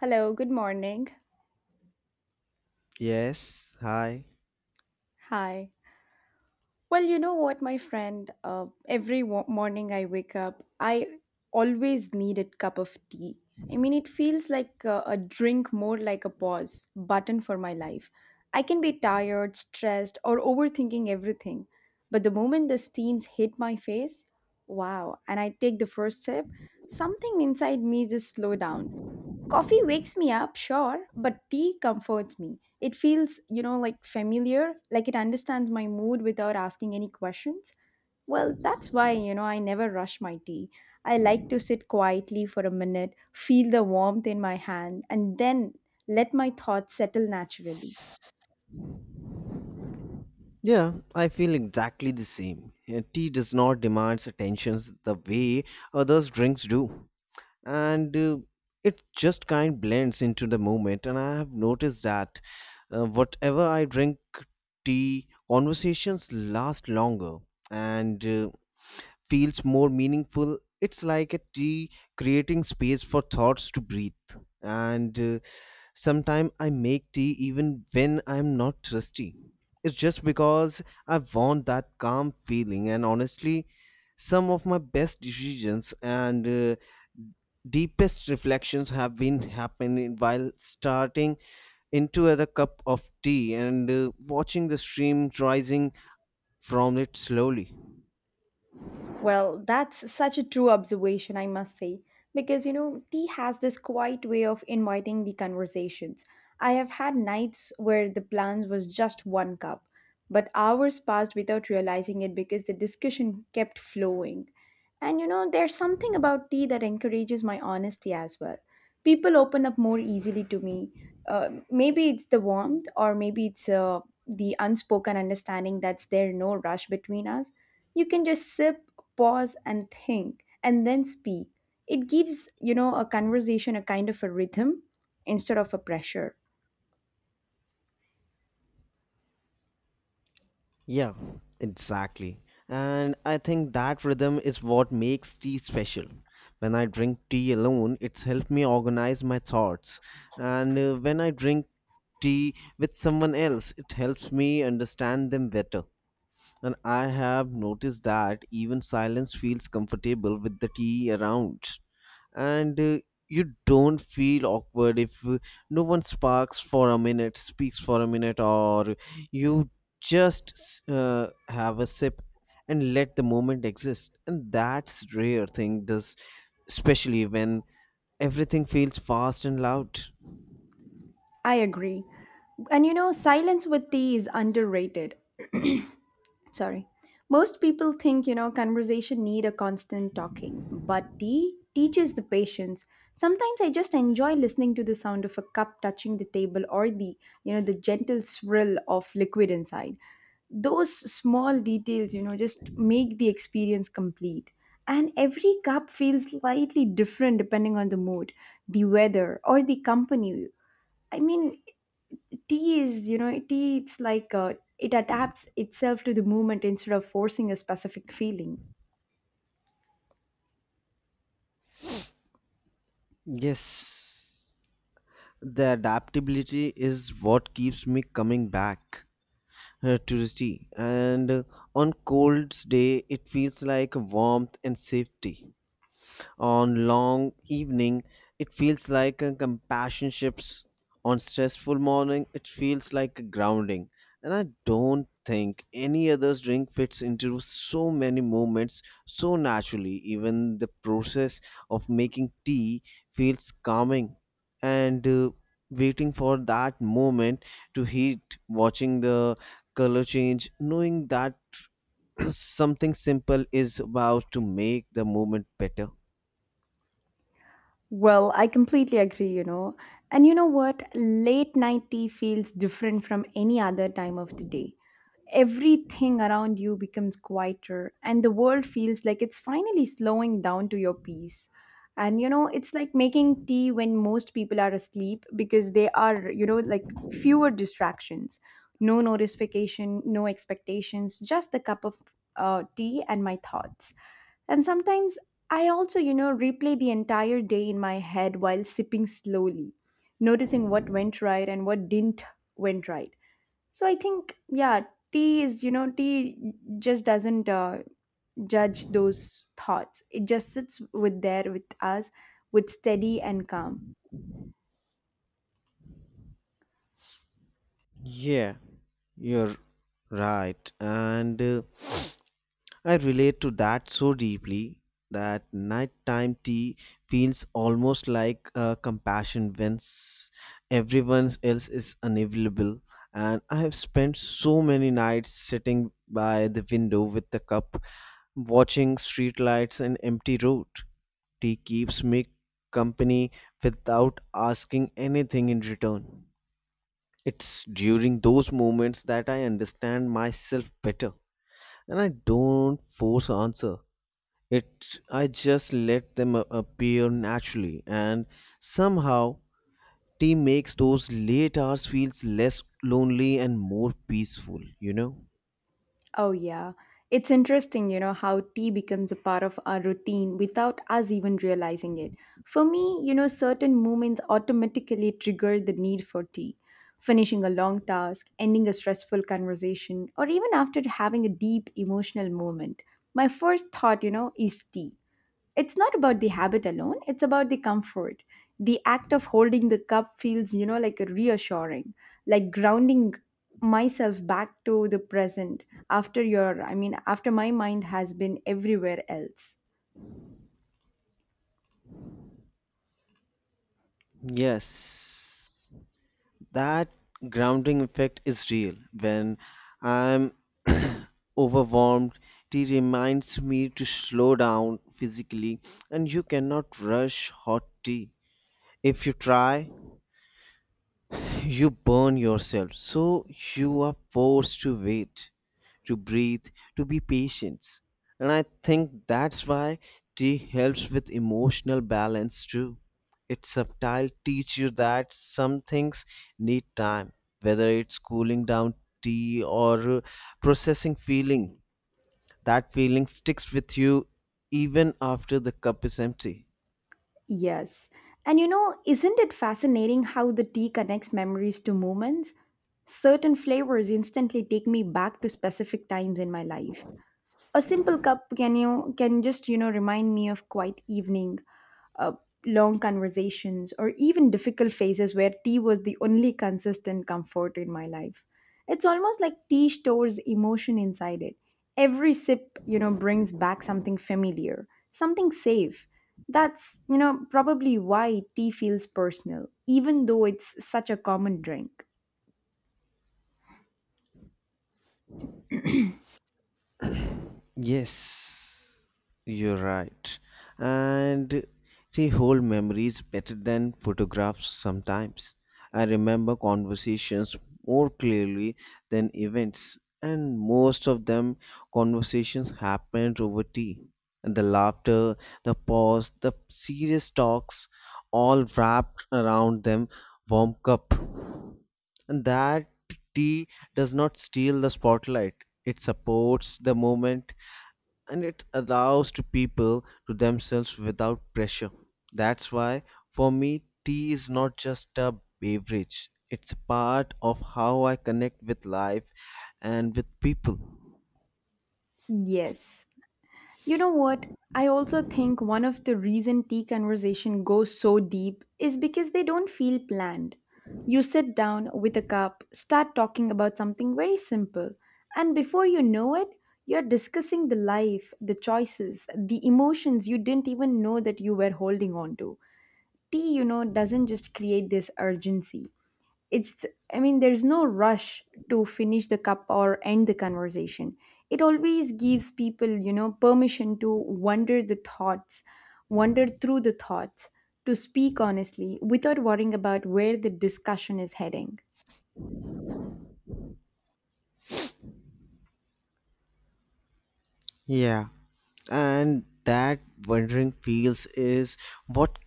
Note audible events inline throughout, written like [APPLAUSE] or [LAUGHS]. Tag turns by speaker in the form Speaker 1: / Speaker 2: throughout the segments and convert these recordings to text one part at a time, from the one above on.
Speaker 1: Hello, good morning.
Speaker 2: Yes, hi.
Speaker 1: Hi. Well, you know what, my friend? Every morning I wake up, I always need a cup of tea. I mean, it feels like a drink more like a pause button for my life. I can be tired, stressed, or overthinking everything. But the moment the steams hit my face, wow, and I take the first sip, something inside me just slow down. Coffee wakes me up, sure, but tea comforts me. It feels, you know, like familiar, like it understands my mood without asking any questions. Well, that's why, you know, I never rush my tea. I like to sit quietly for a minute, feel the warmth in my hand, and then let my thoughts settle naturally.
Speaker 2: Yeah, I feel exactly the same. Tea does not demand attentions the way others drinks do. And It just kind blends into the moment, and I have noticed that whatever I drink tea, conversations last longer and feels more meaningful. It's like a tea creating space for thoughts to breathe. And Sometimes I make tea even when I'm not thirsty. It's just because I want that calm feeling, and honestly, some of my best decisions and deepest reflections have been happening while starting into a cup of tea and watching the stream rising from it slowly.
Speaker 1: Well, that's such a true observation, I must say, because you know, tea has this quiet way of inviting the conversations. I have had nights where the plans was just one cup, but hours passed without realizing it because the discussion kept flowing. And you know, there's something about tea that encourages my honesty as well. People open up more easily to me. Maybe it's the warmth, or maybe it's the unspoken understanding that's there, no rush between us. You can just sip, pause and think and then speak. It gives, you know, a conversation a kind of a rhythm instead of a pressure.
Speaker 2: Yeah, exactly. And I think that rhythm is what makes tea special. When I drink tea alone, it's helped me organize my thoughts. And when I drink tea with someone else, it helps me understand them better. And I have noticed that even silence feels comfortable with the tea around, and you don't feel awkward if no one sparks for a minute speaks for a minute, or you just have a sip and let the moment exist. And that's rare thing does, especially when everything feels fast and loud.
Speaker 1: I agree. And you know, silence with tea is underrated. Sorry, most people think, you know, conversation need a constant talking, but tea teaches the patience. Sometimes I just enjoy listening to the sound of a cup touching the table, or the, you know, the gentle swirl of liquid inside. Those small details, you know, just make the experience complete. And every cup feels slightly different depending on the mood, the weather or the company. I mean, tea is, you know, tea, it adapts itself to the moment instead of forcing a specific feeling.
Speaker 2: Yes, the adaptability is what keeps me coming back to the tea, and on cold day it feels like warmth and safety, on long evening it feels like a compassion ships, on stressful morning it feels like a grounding. And I don't think any other drink fits into so many moments so naturally. Even the process of making tea feels calming, and waiting for that moment to heat, watching the color change, knowing that [CLEARS THROAT] something simple is about to make the moment better.
Speaker 1: Well, I completely agree, you know. And you know what, late night tea feels different from any other time of the day. Everything around you becomes quieter and the world feels like it's finally slowing down to your peace. And you know, it's like making tea when most people are asleep, because they are, you know, like fewer distractions. No notification, no expectations, just the cup of tea and my thoughts. And sometimes I also, you know, replay the entire day in my head while sipping slowly, noticing what went right and what didn't went right. So I think, yeah, tea is, you know, tea just doesn't judge those thoughts. It just sits with there with us with steady and calm.
Speaker 2: Yeah, you're right. And [SNIFFS] I relate to that so deeply, that nighttime tea feels almost like compassion when everyone else is unavailable. And I have spent so many nights sitting by the window with the cup, watching streetlights and empty road. Tea keeps me company without asking anything in return. It's during those moments that I understand myself better, and I don't force answer. It I just let them appear naturally, and somehow tea makes those late hours feels less lonely and more peaceful, you know?
Speaker 1: Oh, yeah. It's interesting, you know, how tea becomes a part of our routine without us even realizing it. For me, you know, certain moments automatically trigger the need for tea. Finishing a long task, ending a stressful conversation, or even after having a deep emotional moment. My first thought, you know, is tea. It's not about the habit alone, it's about the comfort. The act of holding the cup feels, you know, like a reassuring, like grounding myself back to the present after your, I mean, after my mind has been everywhere else.
Speaker 2: Yes, that grounding effect is real. When I'm [CLEARS THROAT] overwhelmed, tea reminds me to slow down physically, and you cannot rush hot tea. If you try, you burn yourself. So you are forced to wait, to breathe, to be patient. And I think that's why tea helps with emotional balance too. Its subtle teach you that some things need time, whether it's cooling down tea or processing feeling. That feeling sticks with you even after the cup is empty.
Speaker 1: Yes. And you know, isn't it fascinating how the tea connects memories to moments? Certain flavors instantly take me back to specific times in my life. A simple cup can, you can just, you know, remind me of quiet evening, uh, long conversations, or even difficult phases where tea was the only consistent comfort in my life. It's almost like tea stores emotion inside it. Every sip, you know, brings back something familiar, something safe. That's, you know, probably why tea feels personal, even though it's such a common drink.
Speaker 2: Yes, you're right. And see, hold memories better than photographs sometimes. I remember conversations more clearly than events, and most of them conversations happened over tea. And the laughter, the pause, the serious talks, all wrapped around them warm cup. And that tea does not steal the spotlight. It supports the moment, and it allows to people to themselves without pressure. That's why, for me, tea is not just a beverage. It's a part of how I connect with life and with people.
Speaker 1: Yes. You know what? I also think one of the reason tea conversation goes so deep is because they don't feel planned. You sit down with a cup, start talking about something very simple, and before you know it, you're discussing the life, the choices, the emotions you didn't even know that you were holding on to. Tea, you know, doesn't just create this urgency. It's, I mean, there's no rush to finish the cup or end the conversation. It always gives people, you know, permission to wander the thoughts, wander through the thoughts, to speak honestly without worrying about where the discussion is heading.
Speaker 2: Yeah, and that wandering feels is what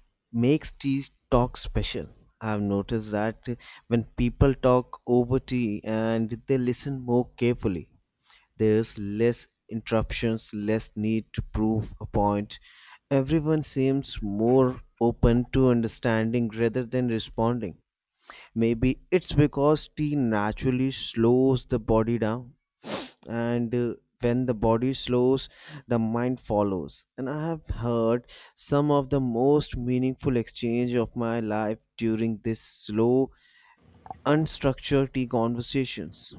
Speaker 2: makes tea talk special. I've noticed that when people talk over tea, and they listen more carefully. There's less interruptions, less need to prove a point. Everyone seems more open to understanding rather than responding. Maybe it's because tea naturally slows the body down, and when the body slows, the mind follows. And I have heard some of the most meaningful exchange of my life during this slow, unstructured tea conversations.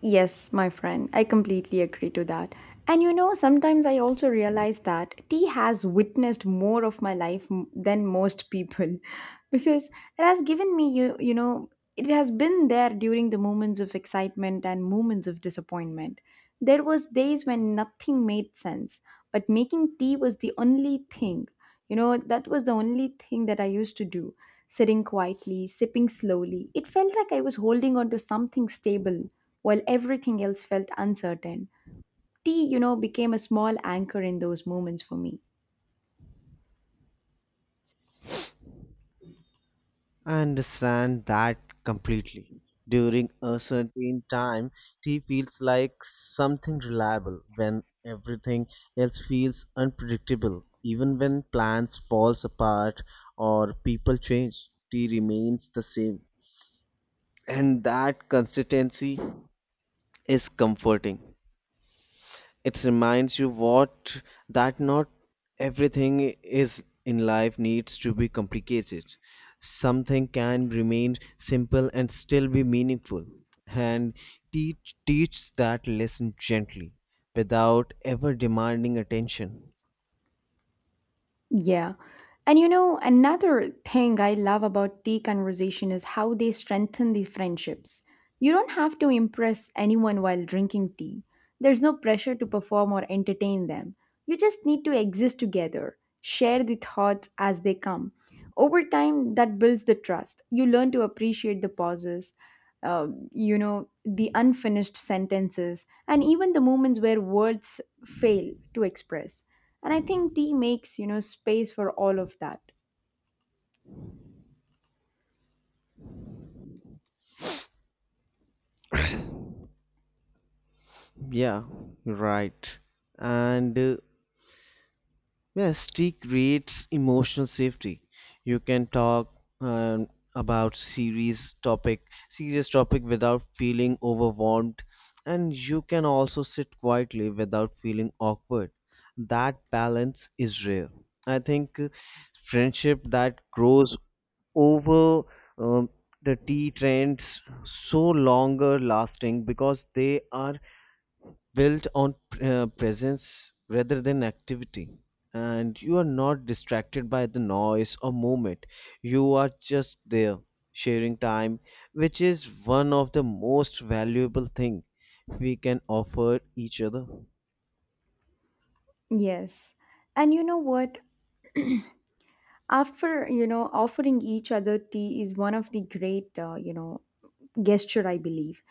Speaker 1: Yes, my friend, I completely agree to that. And you know, sometimes I also realize that tea has witnessed more of my life than most people [LAUGHS] because it has given me, you know, it has been there during the moments of excitement and moments of disappointment. There was days when nothing made sense, but making tea was the only thing, you know, that was the only thing that I used to do, sitting quietly, sipping slowly. It felt like I was holding on to something stable while everything else felt uncertain. Tea, you know, became a small anchor in those moments for me.
Speaker 2: I understand that completely. During a certain time, tea feels like something reliable when everything else feels unpredictable. Even when plans falls apart or people change, tea remains the same. And that consistency is comforting. It reminds you what that not everything is in life needs to be complicated. Something can remain simple and still be meaningful. And teach teach that lesson gently without ever demanding attention.
Speaker 1: Yeah. And you know, another thing I love about tea conversation is how they strengthen these friendships. You don't have to impress anyone while drinking tea. There's no pressure to perform or entertain them. You just need to exist together, share the thoughts as they come. Over time, that builds the trust. You learn to appreciate the pauses, you know, the unfinished sentences, and even the moments where words fail to express, and I think tea makes, you know, space for all of that.
Speaker 2: Yeah, right. And Yes, tea creates emotional safety. You can talk um, about serious topic without feeling overwhelmed, and you can also sit quietly without feeling awkward. That balance is rare. I think friendship that grows over um, the tea trends so longer lasting, because they are built on presence rather than activity, and you are not distracted by the noise or movement. You are just there, sharing time, which is one of the most valuable thing we can offer each other.
Speaker 1: Yes. And you know what? After, you know, offering each other tea is one of the great, you know, gesture, I believe.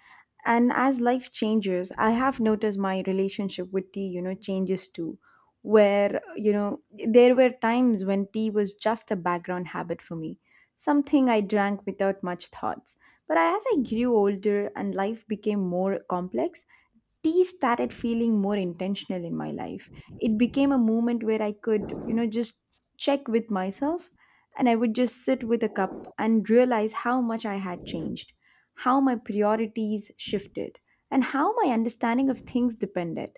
Speaker 1: And as life changes, I have noticed my relationship with tea, you know, changes too. Where, you know, there were times when tea was just a background habit for me, something I drank without much thoughts. But as I grew older and life became more complex, tea started feeling more intentional in my life. It became a moment where I could, you know, just check with myself, and I would just sit with a cup and realize how much I had changed, how my priorities shifted, and how my understanding of things depended.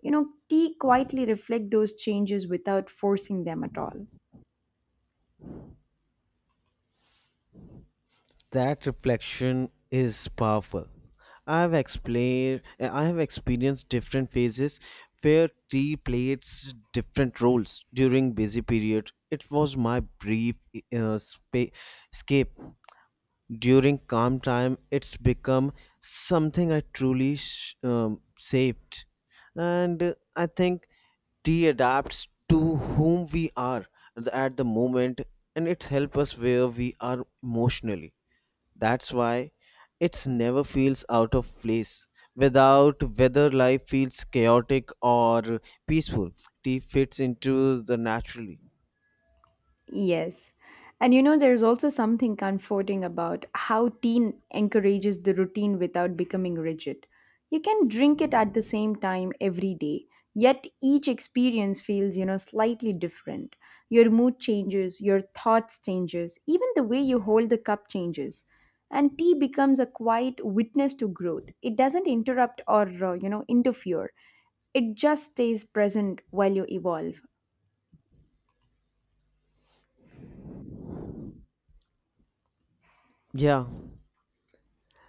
Speaker 1: You know, tea quietly reflect those changes without forcing them at all.
Speaker 2: That reflection is powerful. I have experienced different phases where tea plays different roles. During busy period, it was my brief uh, spa- escape. During calm time, it's become something I truly saved. And I think tea adapts to whom we are at the moment, and it's help us where we are emotionally. That's why it never feels out of place. Without whether life feels chaotic or peaceful, tea fits into the naturally.
Speaker 1: Yes. And you know, there's also something comforting about how teen encourages the routine without becoming rigid. You can drink it at the same time every day, yet each experience feels, you know, slightly different. Your mood changes, your thoughts changes, even the way you hold the cup changes. And tea becomes a quiet witness to growth. It doesn't interrupt or, you know, interfere. It just stays present while you evolve.
Speaker 2: Yeah,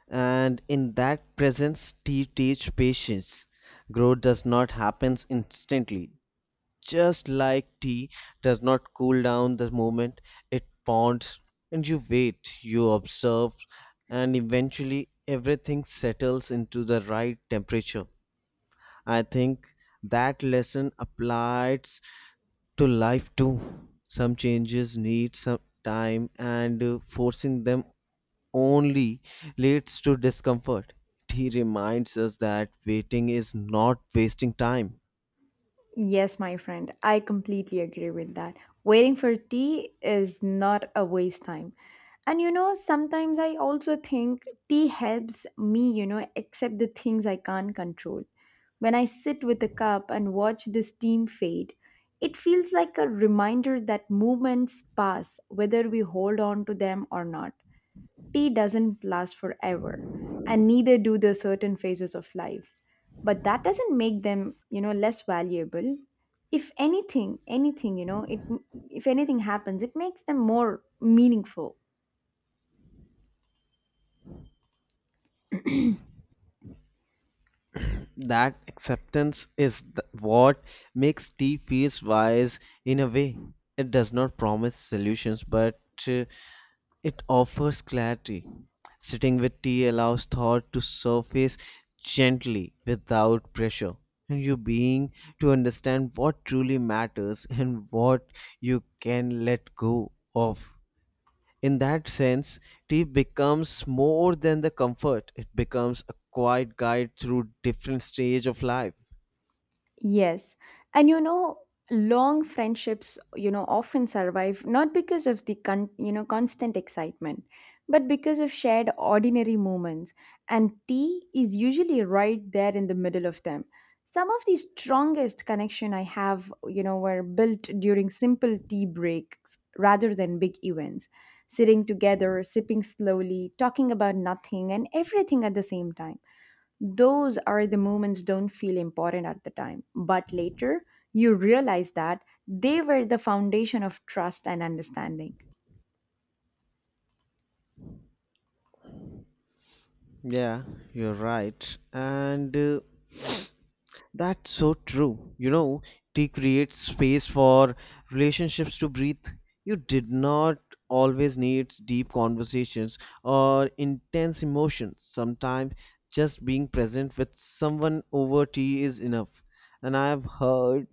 Speaker 2: and in that presence, tea teach patience. Growth does not happen instantly. Just like tea does not cool down the moment it ponds, and you wait, you observe, and eventually everything settles into the right temperature. I think that lesson applies to life too. Some changes need some time, and forcing them only leads to discomfort. He reminds us that waiting is not wasting time.
Speaker 1: Yes, my friend, I completely agree with that. Waiting for tea is not a waste time. And you know, sometimes I also think tea helps me, you know, accept the things I can't control. When I sit with a cup and watch the steam fade, it feels like a reminder that moments pass, whether we hold on to them or not. Tea doesn't last forever, and neither do the certain phases of life. But that doesn't make them, you know, less valuable. If anything, anything, you know, it, if anything happens, it makes them more meaningful.
Speaker 2: That acceptance is what makes tea feels wise in a way. It does not promise solutions, but uh, It offers clarity. Sitting with tea allows thought to surface gently without pressure, and you being to understand what truly matters and what you can let go of. In that sense, tea becomes more than the comfort. It becomes a quiet guide through different stage of life.
Speaker 1: Yes. And you know, long friendships, you know, often survive not because of the you know, constant excitement, but because of shared ordinary moments. And tea is usually right there in the middle of them. Some of the strongest connection I have, you know, were built during simple tea breaks rather than big events. Sitting together, sipping slowly, talking about nothing and everything at the same time. Those are the moments don't feel important at the time, but later you realize that they were the foundation of trust and understanding.
Speaker 2: Yeah, you're right. And That's so true. You know, tea creates space for relationships to breathe. You did not always need deep conversations or intense emotions. Sometimes just being present with someone over tea is enough. And I've heard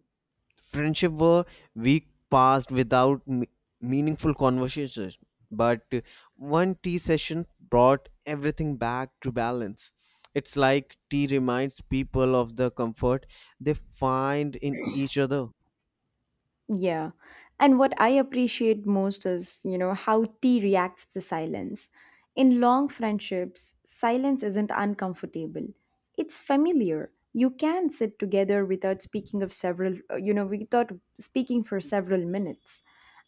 Speaker 2: friendship were week passed without meaningful conversations, but one tea session brought everything back to balance. It's like tea reminds people of the comfort they find in each other.
Speaker 1: Yeah. And what I appreciate most is, you know, how tea reacts to silence. In long friendships, silence isn't uncomfortable. It's familiar. You can sit together without speaking of several, you know, without speaking for several minutes.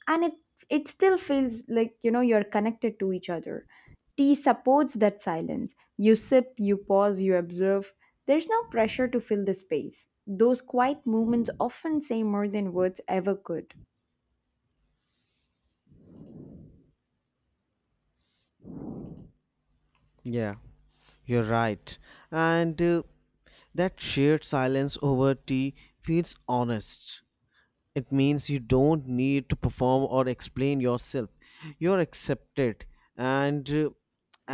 Speaker 1: And it still feels like, you know, you're connected to each other. Tea supports that silence. You sip, you pause, you observe. There's no pressure to fill the space. Those quiet moments often say more than words ever could.
Speaker 2: Yeah, you're right. and That shared silence over tea feels honest. It means you don't need to perform or explain yourself. You're accepted. And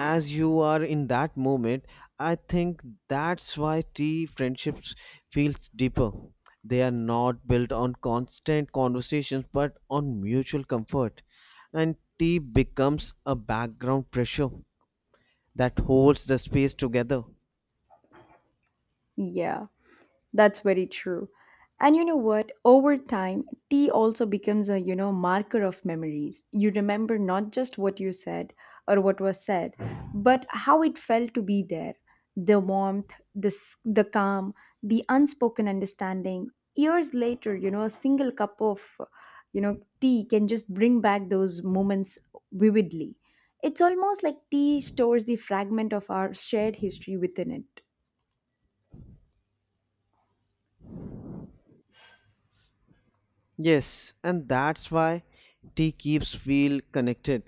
Speaker 2: As you are in that moment, I think that's why tea friendships feels deeper. They are not built on constant conversations but on mutual comfort. And tea becomes a background pressure that holds the space together.
Speaker 1: Yeah. That's very true. And you know what? Over time, tea also becomes a, you know, marker of memories. You remember not just what you said or what was said, but how it felt to be there. The warmth, the, the calm, the unspoken understanding. Years later, you know, a single cup of, you know, tea can just bring back those moments vividly. It's almost like tea stores the fragment of our shared history within it.
Speaker 2: Yes, and that's why tea keeps feel connected,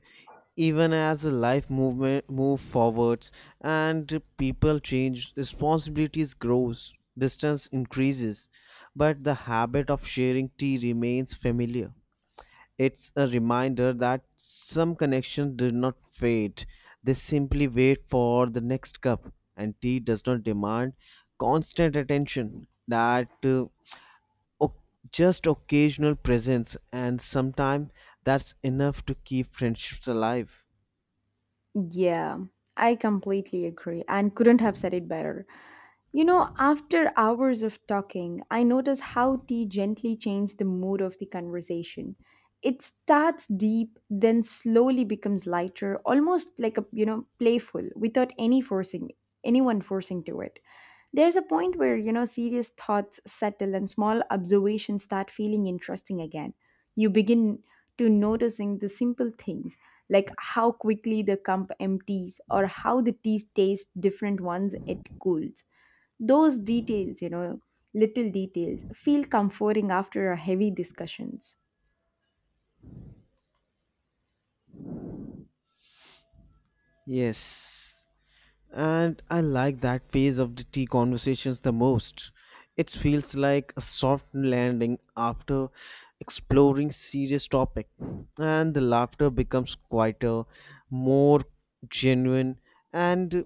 Speaker 2: even as the life movement move forwards and people change, responsibilities grows, distance increases, but the habit of sharing tea remains familiar. It's a reminder that some connections do not fade. They simply wait for the next cup. And tea does not demand constant attention, that o- just occasional presence, and sometimes that's enough to keep friendships alive.
Speaker 1: Yeah, I completely agree and couldn't have said it better. You know, after hours of talking, I notice how tea gently changed the mood of the conversation. It starts deep, then slowly becomes lighter, almost like playful without any forcing anyone forcing to it. There's a point where, you know, serious thoughts settle and small observations start feeling interesting again. You begin to noticing the simple things like how quickly the cup empties or how the tea tastes different once it cools. Those details, you know, Little details feel comforting after a heavy discussions.
Speaker 2: Yes, and I like that phase of the tea conversations the most. It feels like a soft landing after exploring serious topic, and the laughter becomes quieter, more genuine, and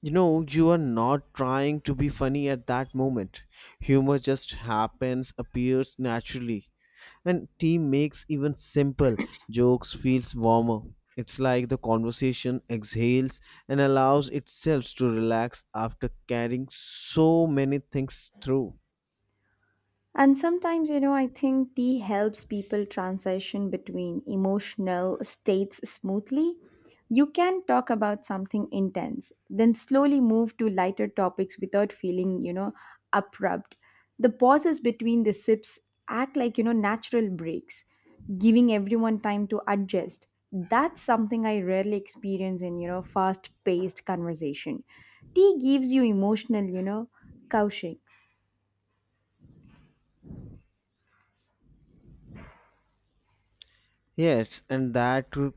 Speaker 2: you know you are not trying to be funny at that moment. Humor just happens, appears naturally, and team makes even simple jokes feels warmer. It's like the conversation exhales and allows itself to relax after carrying so many things through.
Speaker 1: And sometimes, you know, I think tea helps people transition between emotional states smoothly. You can talk about something intense, then slowly move to lighter topics without feeling, abrupt. The pauses between the sips act like, you know, natural breaks, giving everyone time to adjust. That's something I rarely experience in, you know, fast paced conversation. Tea gives you emotional, couching.
Speaker 2: Yes, and that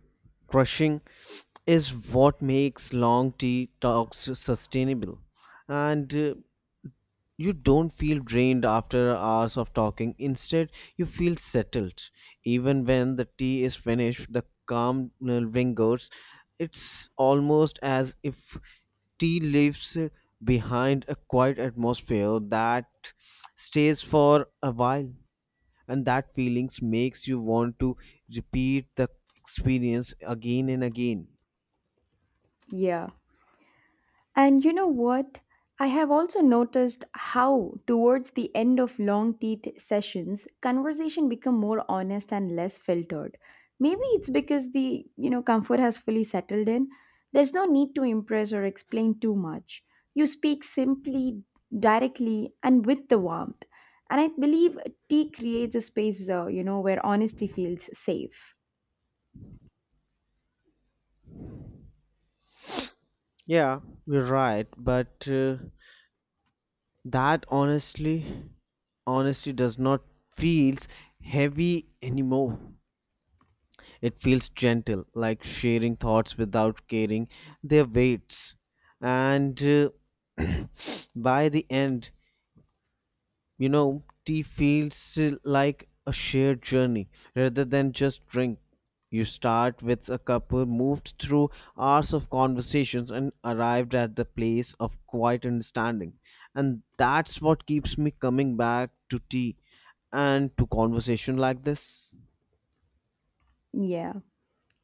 Speaker 2: crushing is what makes long tea talks sustainable. And You don't feel drained after hours of talking. Instead, you feel settled. Even when the tea is finished, the calm lingers. It's almost as if tea leaves behind a quiet atmosphere that stays for a while, and that feelings makes you want to repeat the experience again and again.
Speaker 1: Yeah. And you know what? I have also noticed how, towards the end of long teeth sessions, conversation become more honest and less filtered. Maybe it's because the comfort has fully settled in. There's no need to impress or explain too much. You speak simply, directly, and with the warmth. And I believe tea creates a space, you know, where honesty feels safe.
Speaker 2: Yeah, you're right, but that honestly. Honesty does not feels heavy anymore. It feels gentle, like sharing thoughts without carrying their weights. And [CLEARS THROAT] By the end, you know, tea feels like a shared journey rather than just drink. You start with a cup, moved through hours of conversations, and arrived at the place of quiet understanding. And that's what keeps me coming back to tea and to conversation like this.
Speaker 1: Yeah,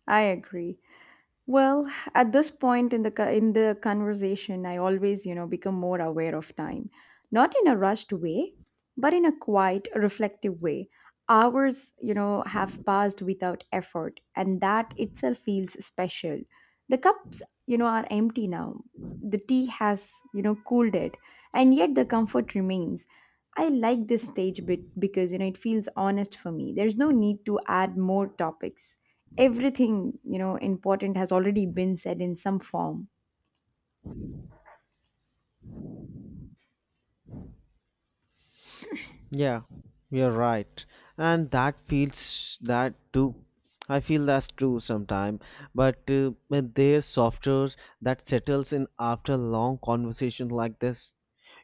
Speaker 1: I agree. Well, at this point in the conversation, I always, you know, become more aware of time, not in a rushed way, but in a quiet, reflective way. Hours, you know, have passed without effort, and that itself feels special. The cups, you know, are empty now. The tea has, you know, cooled it, and yet the comfort remains. I like this stage bit because you know it feels honest for me. There's no need to add more topics. Everything, you know, important has already been said in some form.
Speaker 2: Yeah, you're right. And that feels that too. I feel that's true sometime, but there's software that settles in after long conversation like this.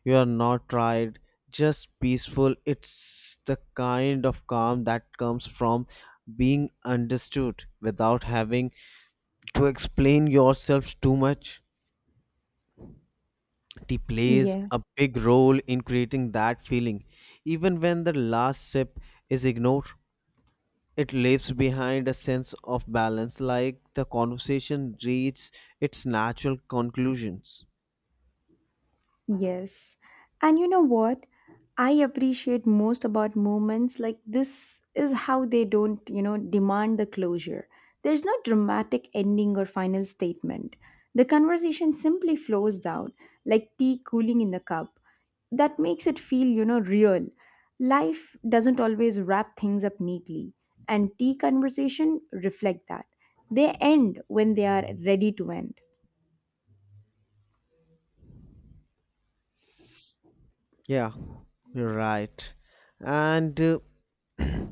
Speaker 2: You are not tired, just peaceful. It's the kind of calm that comes from being understood without having to explain yourself too much. Tea plays
Speaker 1: Yeah.
Speaker 2: a big role in creating that feeling, even when the last sip is ignored. It leaves behind a sense of balance, like the conversation reaches its natural conclusions.
Speaker 1: Yes. And you know what? I appreciate most about moments like this is how they don't, you know, demand the closure. There's no dramatic ending or final statement. The conversation simply flows down like tea cooling in the cup. That makes it feel, you know, real. Life doesn't always wrap things up neatly, and tea conversation reflect that. They end when they are ready to end.
Speaker 2: Yeah, you're right. And [CLEARS THROAT]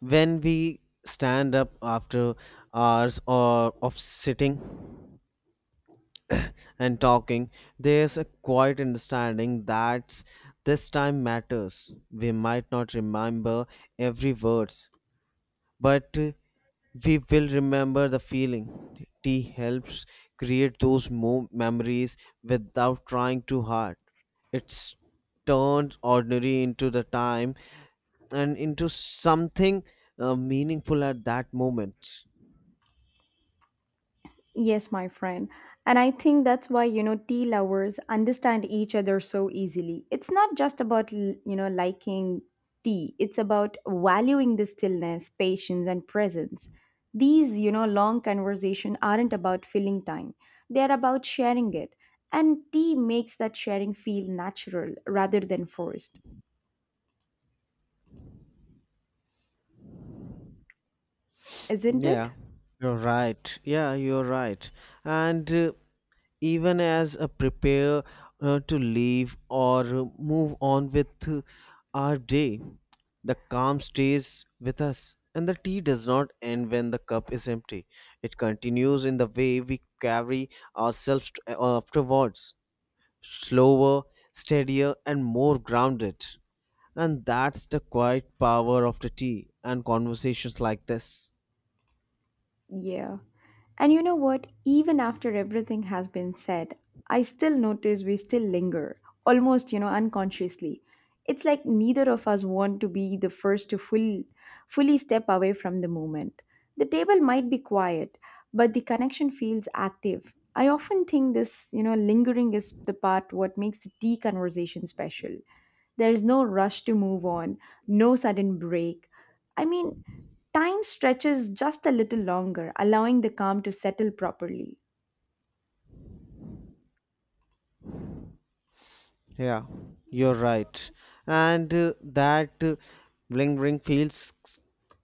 Speaker 2: When we stand up after hours or of sitting and talking, there's a quiet understanding that this time matters. We might not remember every word, but we will remember the feeling. Tea helps create those memories without trying too hard. It's turned ordinary into the time and into something meaningful at that moment.
Speaker 1: Yes, my friend. And I think that's why, you know, tea lovers understand each other so easily. It's not just about, liking tea, it's about valuing the stillness, patience, and presence. These, you know, long conversation aren't about filling time, they're about sharing it. And tea makes that sharing feel natural rather than forced, isn't
Speaker 2: Yeah,
Speaker 1: it?
Speaker 2: you're right. Yeah, you're right. And Even as a prepare to leave or move on with our day, the calm stays with us, and the tea does not end when the cup is empty. It continues in the way we carry ourselves afterwards, slower, steadier, and more grounded. And that's the quiet power of the tea and conversations like this.
Speaker 1: Yeah. And you know what? Even after everything has been said, I still notice we still linger, almost, you know, unconsciously. It's like neither of us want to be the first to fully step away from the moment. The table might be quiet, but the connection feels active. I often think this, you know, lingering is the part what makes the tea conversation special. There's no rush to move on, no sudden break. I mean, time stretches just a little longer, allowing the calm to settle properly.
Speaker 2: Yeah, you're right. And that bling ring feels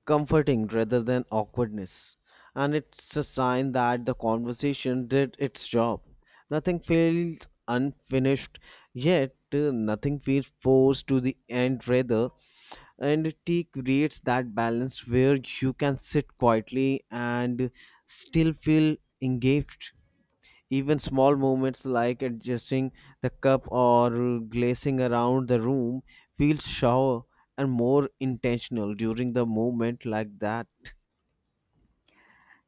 Speaker 2: comforting rather than awkwardness. And it's a sign that the conversation did its job. Nothing feels unfinished, yet nothing feels forced to the end rather. And tea creates that balance where you can sit quietly and still feel engaged. Even small movements like adjusting the cup or glazing around the room feels sharper and more intentional during the movement like that.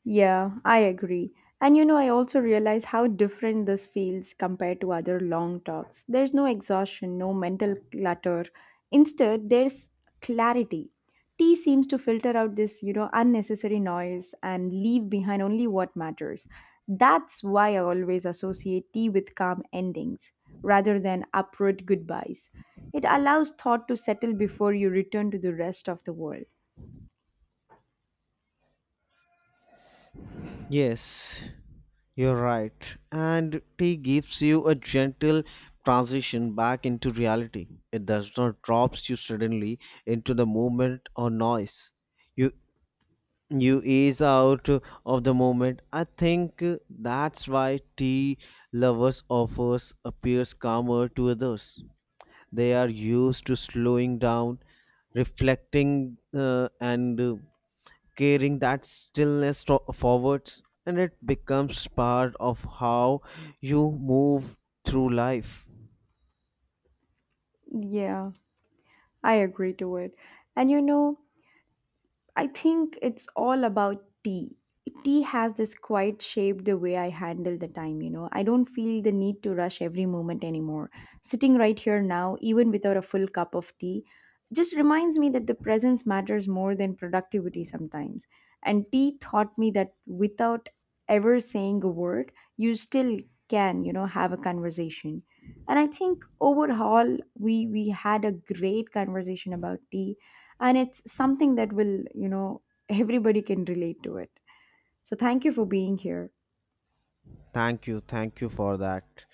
Speaker 1: Yeah, I agree. And you know, I also realize how different this feels compared to other long talks. There's no exhaustion, no mental clutter. Instead, there's clarity. Tea seems to filter out this, you know, unnecessary noise and leave behind only what matters. That's why I always associate tea with calm endings rather than abrupt goodbyes. It allows thought to settle before you return to the rest of the world.
Speaker 2: Yes, you're right. And tea gives you a gentle transition back into reality. It does not drops you suddenly into the movement or noise. You you ease out of the moment. I think that's why tea lovers offers appears calmer to others. They are used to slowing down, reflecting, and carrying that stillness forwards, and it becomes part of how you move through life.
Speaker 1: Yeah, I agree to it. And you know, I think it's all about tea. Tea has this quite shaped the way I handle the time, you know. I don't feel the need to rush every moment anymore. Sitting right here now, even without a full cup of tea, just reminds me that the presence matters more than productivity sometimes. And tea taught me that without ever saying a word, you still can, you know, have a conversation. And I think overall, we had a great conversation about tea and it's something that will you know everybody can relate to it so thank you for being here
Speaker 2: Thank you, thank you for that.